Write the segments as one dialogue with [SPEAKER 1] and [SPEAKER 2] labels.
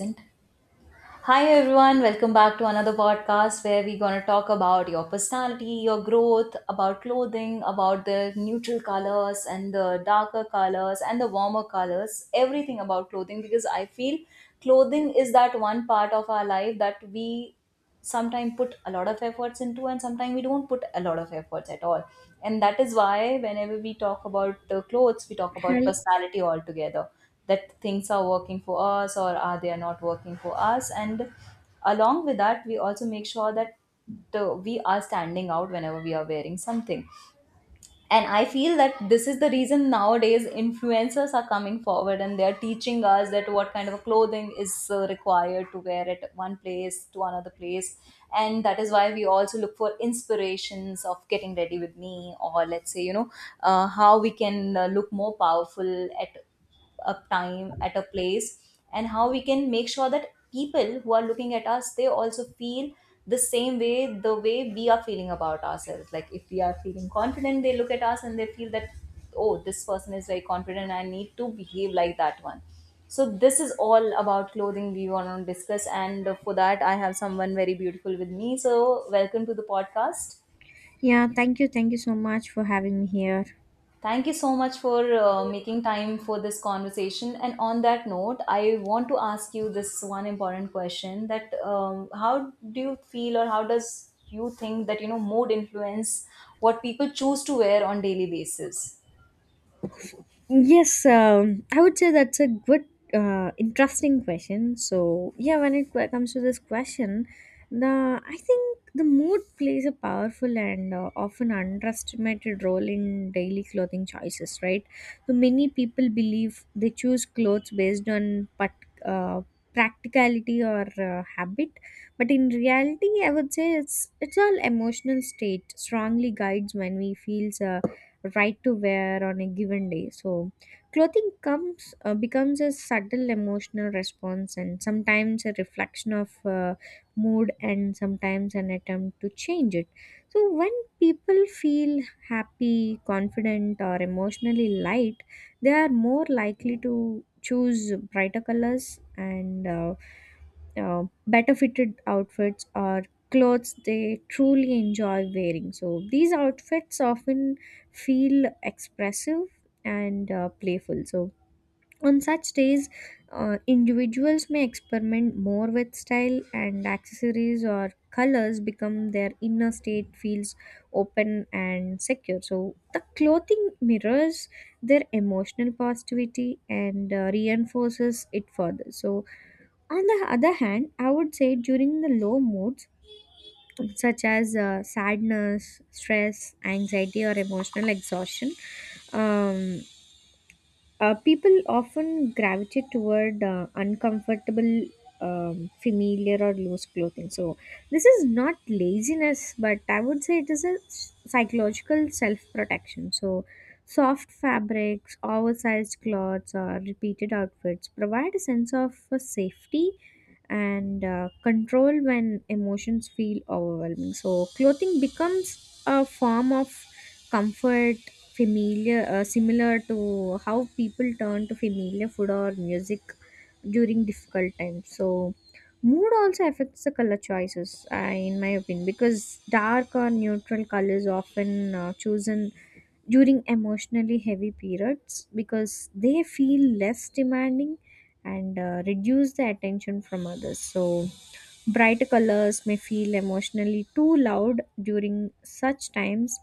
[SPEAKER 1] Then, Hi everyone, welcome back to another podcast where we're going to talk about your personality, your growth, about clothing, about the neutral colors and the darker colors and the warmer colors, everything about clothing because I feel clothing is that one part of our life that we sometimes put a lot of efforts into, and sometimes we don't put a lot of efforts at all. And that is why whenever we talk about clothes, we talk about
[SPEAKER 2] Hello.
[SPEAKER 1] personality altogether, that things are working for us or are they are not working for us. And along with that, we also make sure that we are standing out whenever we are wearing something. And I feel that this is the reason nowadays influencers are coming forward and they're teaching us that what kind of clothing is required to wear at one place to another place. And that is why we also look for inspirations of getting ready with me, or let's say, you know, how we can look more powerful at a time at a place, and how we can make sure that people who are looking at us, they also feel the same way the way we are feeling about ourselves. Like, if we are feeling confident, they look at us and they feel that, oh, this person is very confident, I need to behave like that one. So this is all about clothing we want to discuss, and for that I have someone very beautiful with me. So welcome to the podcast.
[SPEAKER 2] Yeah, thank you. Thank you so much for having me here.
[SPEAKER 1] Thank you so much for making time for this conversation. And on that note, I want to ask you this one important question: that how do you feel, or how does you think that, you know, mood influence what people choose to wear on daily basis?
[SPEAKER 2] Yes, I would say that's a good, interesting question. So, yeah, when comes to this question, the I think the mood plays a powerful and often underestimated role in daily clothing choices, right? So many people believe they choose clothes based on uh, practicality or habit, but in reality, I would say it's all emotional state strongly guides when we feels. Right to wear on a given day. So, clothing comes becomes a subtle emotional response and sometimes a reflection of mood and sometimes an attempt to change it. So, when people feel happy, confident, or emotionally light, they are more likely to choose brighter colors and better fitted outfits or clothes they truly enjoy wearing. So these outfits often feel expressive and playful. So on such days, individuals may experiment more with style and accessories or colors become their inner state feels open and secure, so the clothing mirrors their emotional positivity and reinforces it further. So on the other hand, I would say during the low moods, such as sadness, stress, anxiety, or emotional exhaustion, um, people often gravitate toward uncomfortable, familiar, or loose clothing. So, this is not laziness, but I would say it is a psychological self protection. So, soft fabrics, oversized clothes, or repeated outfits provide a sense of safety and control when emotions feel overwhelming. So, clothing becomes a form of comfort, familiar, similar to how people turn to familiar food or music during difficult times. So, mood also affects the color choices, in my opinion, because dark or neutral colors often chosen during emotionally heavy periods because they feel less demanding and reduce the attention from others. So bright colors may feel emotionally too loud during such times.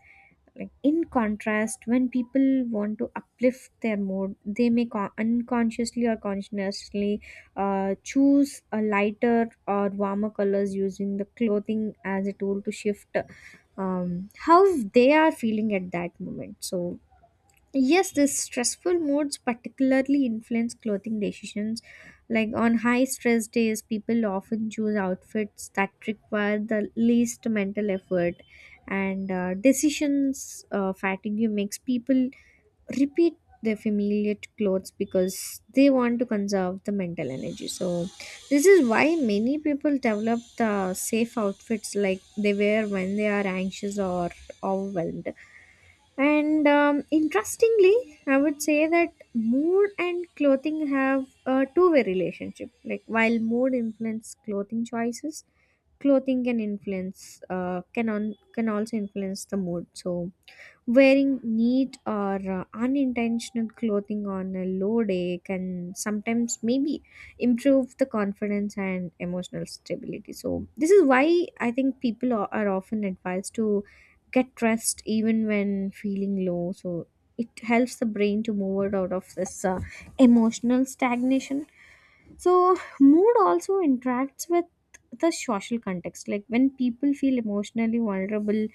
[SPEAKER 2] Like in contrast, when people want to uplift their mood, they may unconsciously or consciously choose a lighter or warmer colors using the clothing as a tool to shift how they are feeling at that moment. So yes, these stressful moods particularly influence clothing decisions. Like on high stress days, people often choose outfits that require the least mental effort, and decisions fatigue makes people repeat their familiar clothes because they want to conserve the mental energy. So, this is why many people develop the safe outfits like they wear when they are anxious or overwhelmed, and interestingly, I would say that mood and clothing have a two-way relationship. Like while mood influences clothing choices, clothing can influence can on can also influence the mood. So wearing neat or unintentional clothing on a low day can sometimes maybe improve the confidence and emotional stability. So, this is why I think people are often advised to get rest even when feeling low. So, it helps the brain to move it out of this emotional stagnation. So, mood also interacts with the social context. Like when people feel emotionally vulnerable,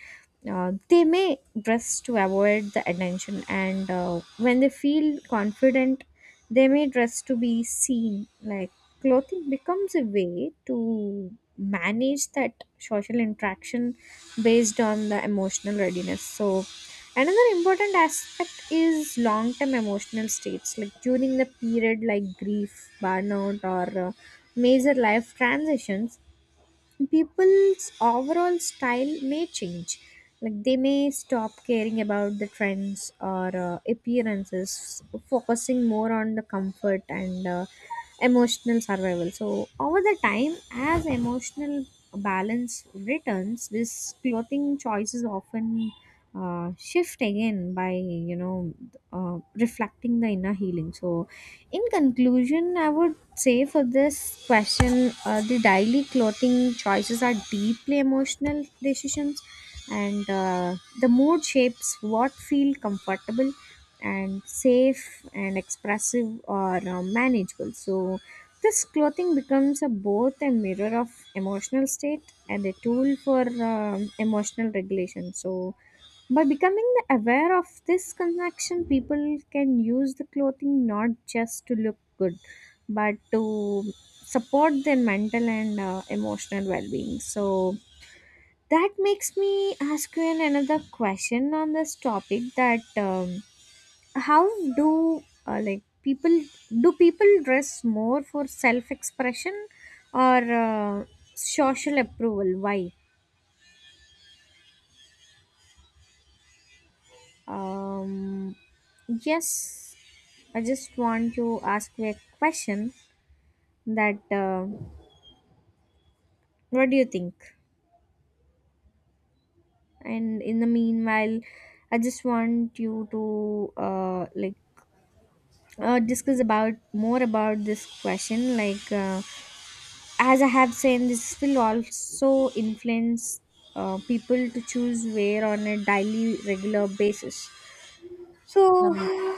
[SPEAKER 2] they may dress to avoid the attention, and when they feel confident, they may dress to be seen. Like clothing becomes a way to manage that social interaction based on the emotional readiness. So, another important aspect is long term emotional states, like during the period like grief, burnout, or major life transitions, people's overall style may change, like they may stop caring about the trends or appearances, focusing more on the comfort and emotional survival. So over the time, as emotional balance returns, this clothing choices often shift again by reflecting the inner healing. So in conclusion, I would say for this question, the daily clothing choices are deeply emotional decisions, and the mood shapes what feel comfortable and safe and expressive or manageable. So this clothing becomes a, both a mirror of emotional state and a tool for emotional regulation. So by becoming the aware of this connection, people can use the clothing not just to look good, but to support their mental and emotional well-being. So that makes me ask you another question on this topic. That how do like people do people dress more for self-expression or uh, social approval? Why? Um, yes, I just want to ask you a question that what do you think? And in the meanwhile, I just want you to discuss about more about this question. Like as I have said, this will also influence people to choose wear on a daily regular basis. So,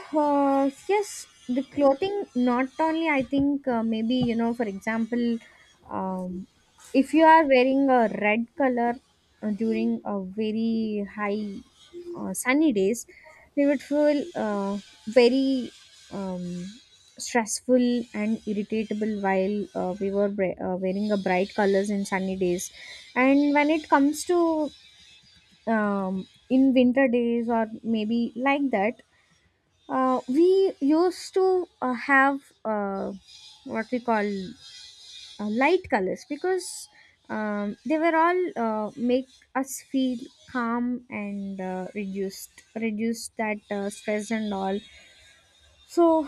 [SPEAKER 2] yes, the clothing not only I think maybe you know for example, um, if you are wearing a red color during a very high sunny days, we would feel very um, stressful and irritable while wearing a bright colors in sunny days, and when it comes to in winter days or maybe like that we used to have what we call light colors because they were all make us feel calm and reduce that stress and all. So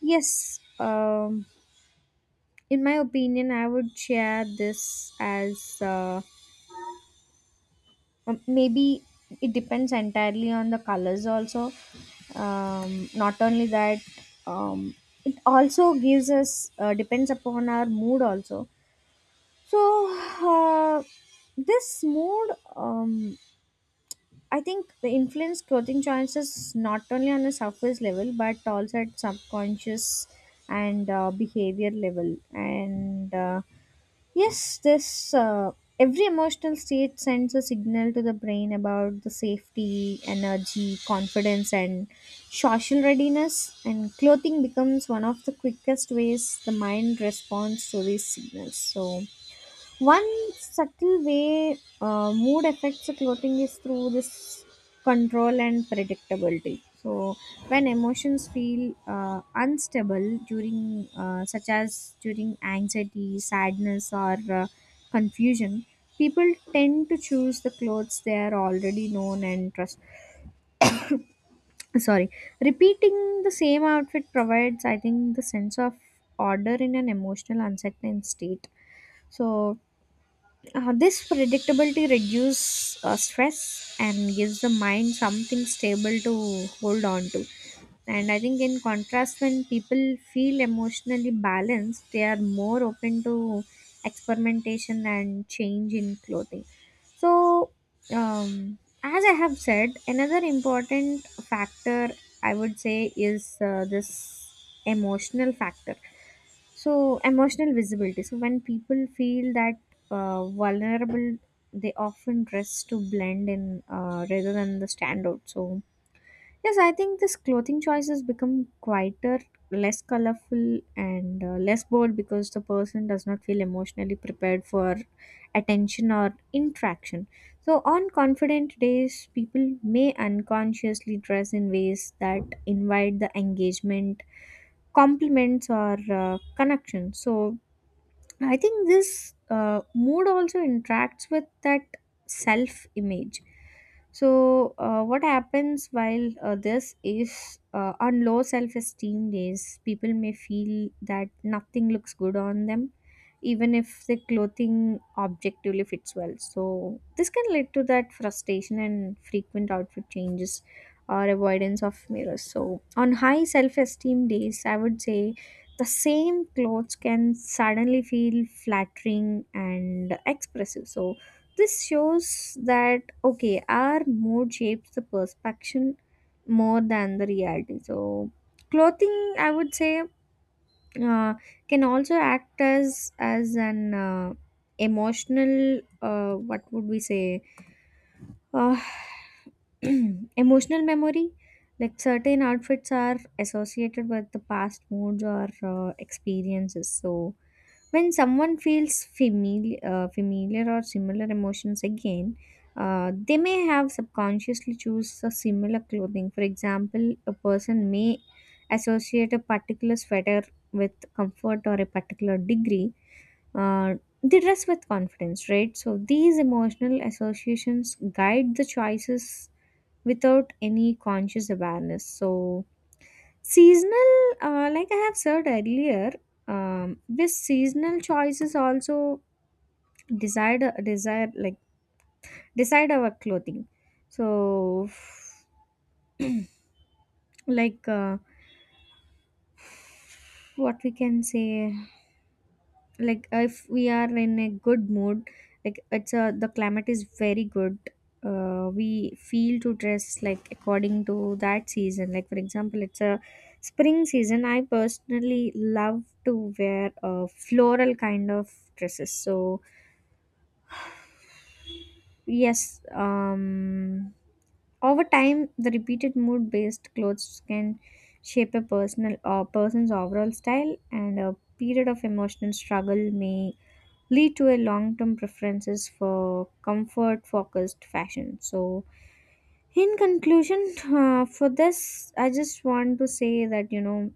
[SPEAKER 2] yes, in my opinion I would share this as maybe it depends entirely on the colors also. Not only that, um, it also gives us depends upon our mood also. So uh, this mood, um, I think the influence clothing choices not only on a surface level but also at subconscious and behavior level, and yes, this every emotional state sends a signal to the brain about the safety, energy, confidence, and social readiness. And clothing becomes one of the quickest ways the mind responds to these signals. So, one subtle way mood affects the clothing is through this control and predictability. So, when emotions feel unstable such as during anxiety, sadness, or confusion, people tend to choose the clothes they are already known and trust. Sorry, repeating the same outfit provides, I think, the sense of order in an emotional uncertain state. So, this predictability reduces stress and gives the mind something stable to hold on to. And I think, in contrast, when people feel emotionally balanced, they are more open to experimentation and change in clothing. So, um, as I have said, another important factor I would say is this emotional factor, so emotional visibility. So when people feel that vulnerable, they often dress to blend in rather than the standout. So yes, I think this clothing choices become quieter, less colorful, and less bold because the person does not feel emotionally prepared for attention or interaction. So on confident days, people may unconsciously dress in ways that invite the engagement, compliments, or connection. So and I think this mood also interacts with that self image. So, what happens while this is on low self esteem days, people may feel that nothing looks good on them, even if the clothing objectively fits well. So, this can lead to that frustration and frequent outfit changes or avoidance of mirrors. So, on high self esteem days, I would say the same clothes can suddenly feel flattering and expressive. So, this shows that okay, our mood shapes the perception more than the reality. So, clothing, I would say, uh, can also act as an emotional. What would we say? Uh, emotional memory, like certain outfits are associated with the past moods or experiences. So when someone feels familiar or similar emotions again, they may have subconsciously choose a similar clothing. For example, a person may associate a particular sweater with comfort or a particular degree uh, they dress with confidence, right? So these emotional associations guide the choices without any conscious awareness. So seasonal, like I have said earlier, this seasonal choices also decide desire like decide our clothing. So like uh, what we can say, like if we are in a good mood, like it's a the climate is very good, we feel to dress like according to that season. Like for example, it's a spring season, I personally love to wear a floral kind of dresses. So yes, over time the repeated mood based clothes can shape a personal or person's overall style, and a period of emotional struggle may lead to a long-term preferences for comfort-focused fashion. So, in conclusion, for this, I just want to say that.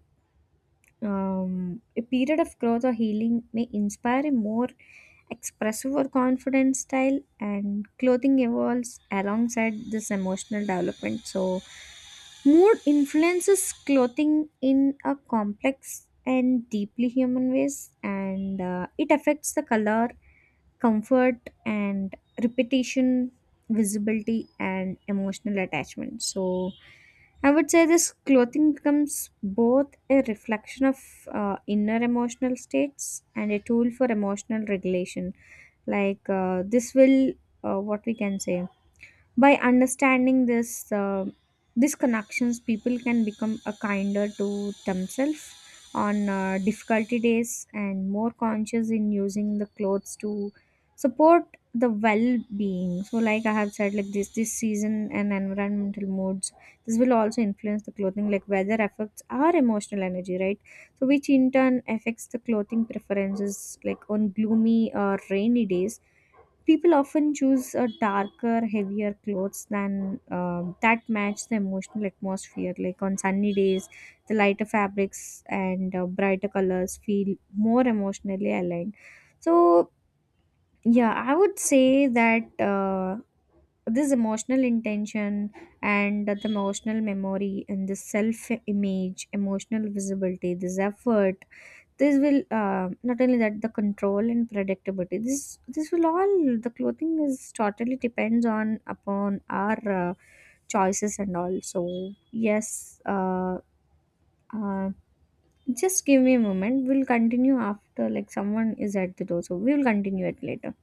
[SPEAKER 2] A period of growth or healing may inspire a more expressive or confident style, and clothing evolves alongside this emotional development. So, mood influences clothing in a complex and deeply human ways, and it affects the color, comfort and repetition, visibility and emotional attachment. So I would say this clothing becomes both a reflection of inner emotional states and a tool for emotional regulation. Like this will what we can say, by understanding this these connections, people can become a kinder to themselves on difficulty days and more conscious in using the clothes to support the well-being. So like I have said, like this season and environmental moods, this will also influence the clothing, like weather affects our emotional energy, right? So which in turn affects the clothing preferences. Like on gloomy or rainy days, people often choose a darker, heavier clothes than that match the emotional atmosphere. Like on sunny days, the lighter fabrics and brighter colors feel more emotionally aligned. So yeah, I would say that this emotional intention and the emotional memory and the self-image, emotional visibility, this effort, this will not only that the control and predictability. This will all the clothing is totally depends on upon our choices and all. So yes, uh, just give me a moment. We'll continue after like someone is at the door. So we will continue it later.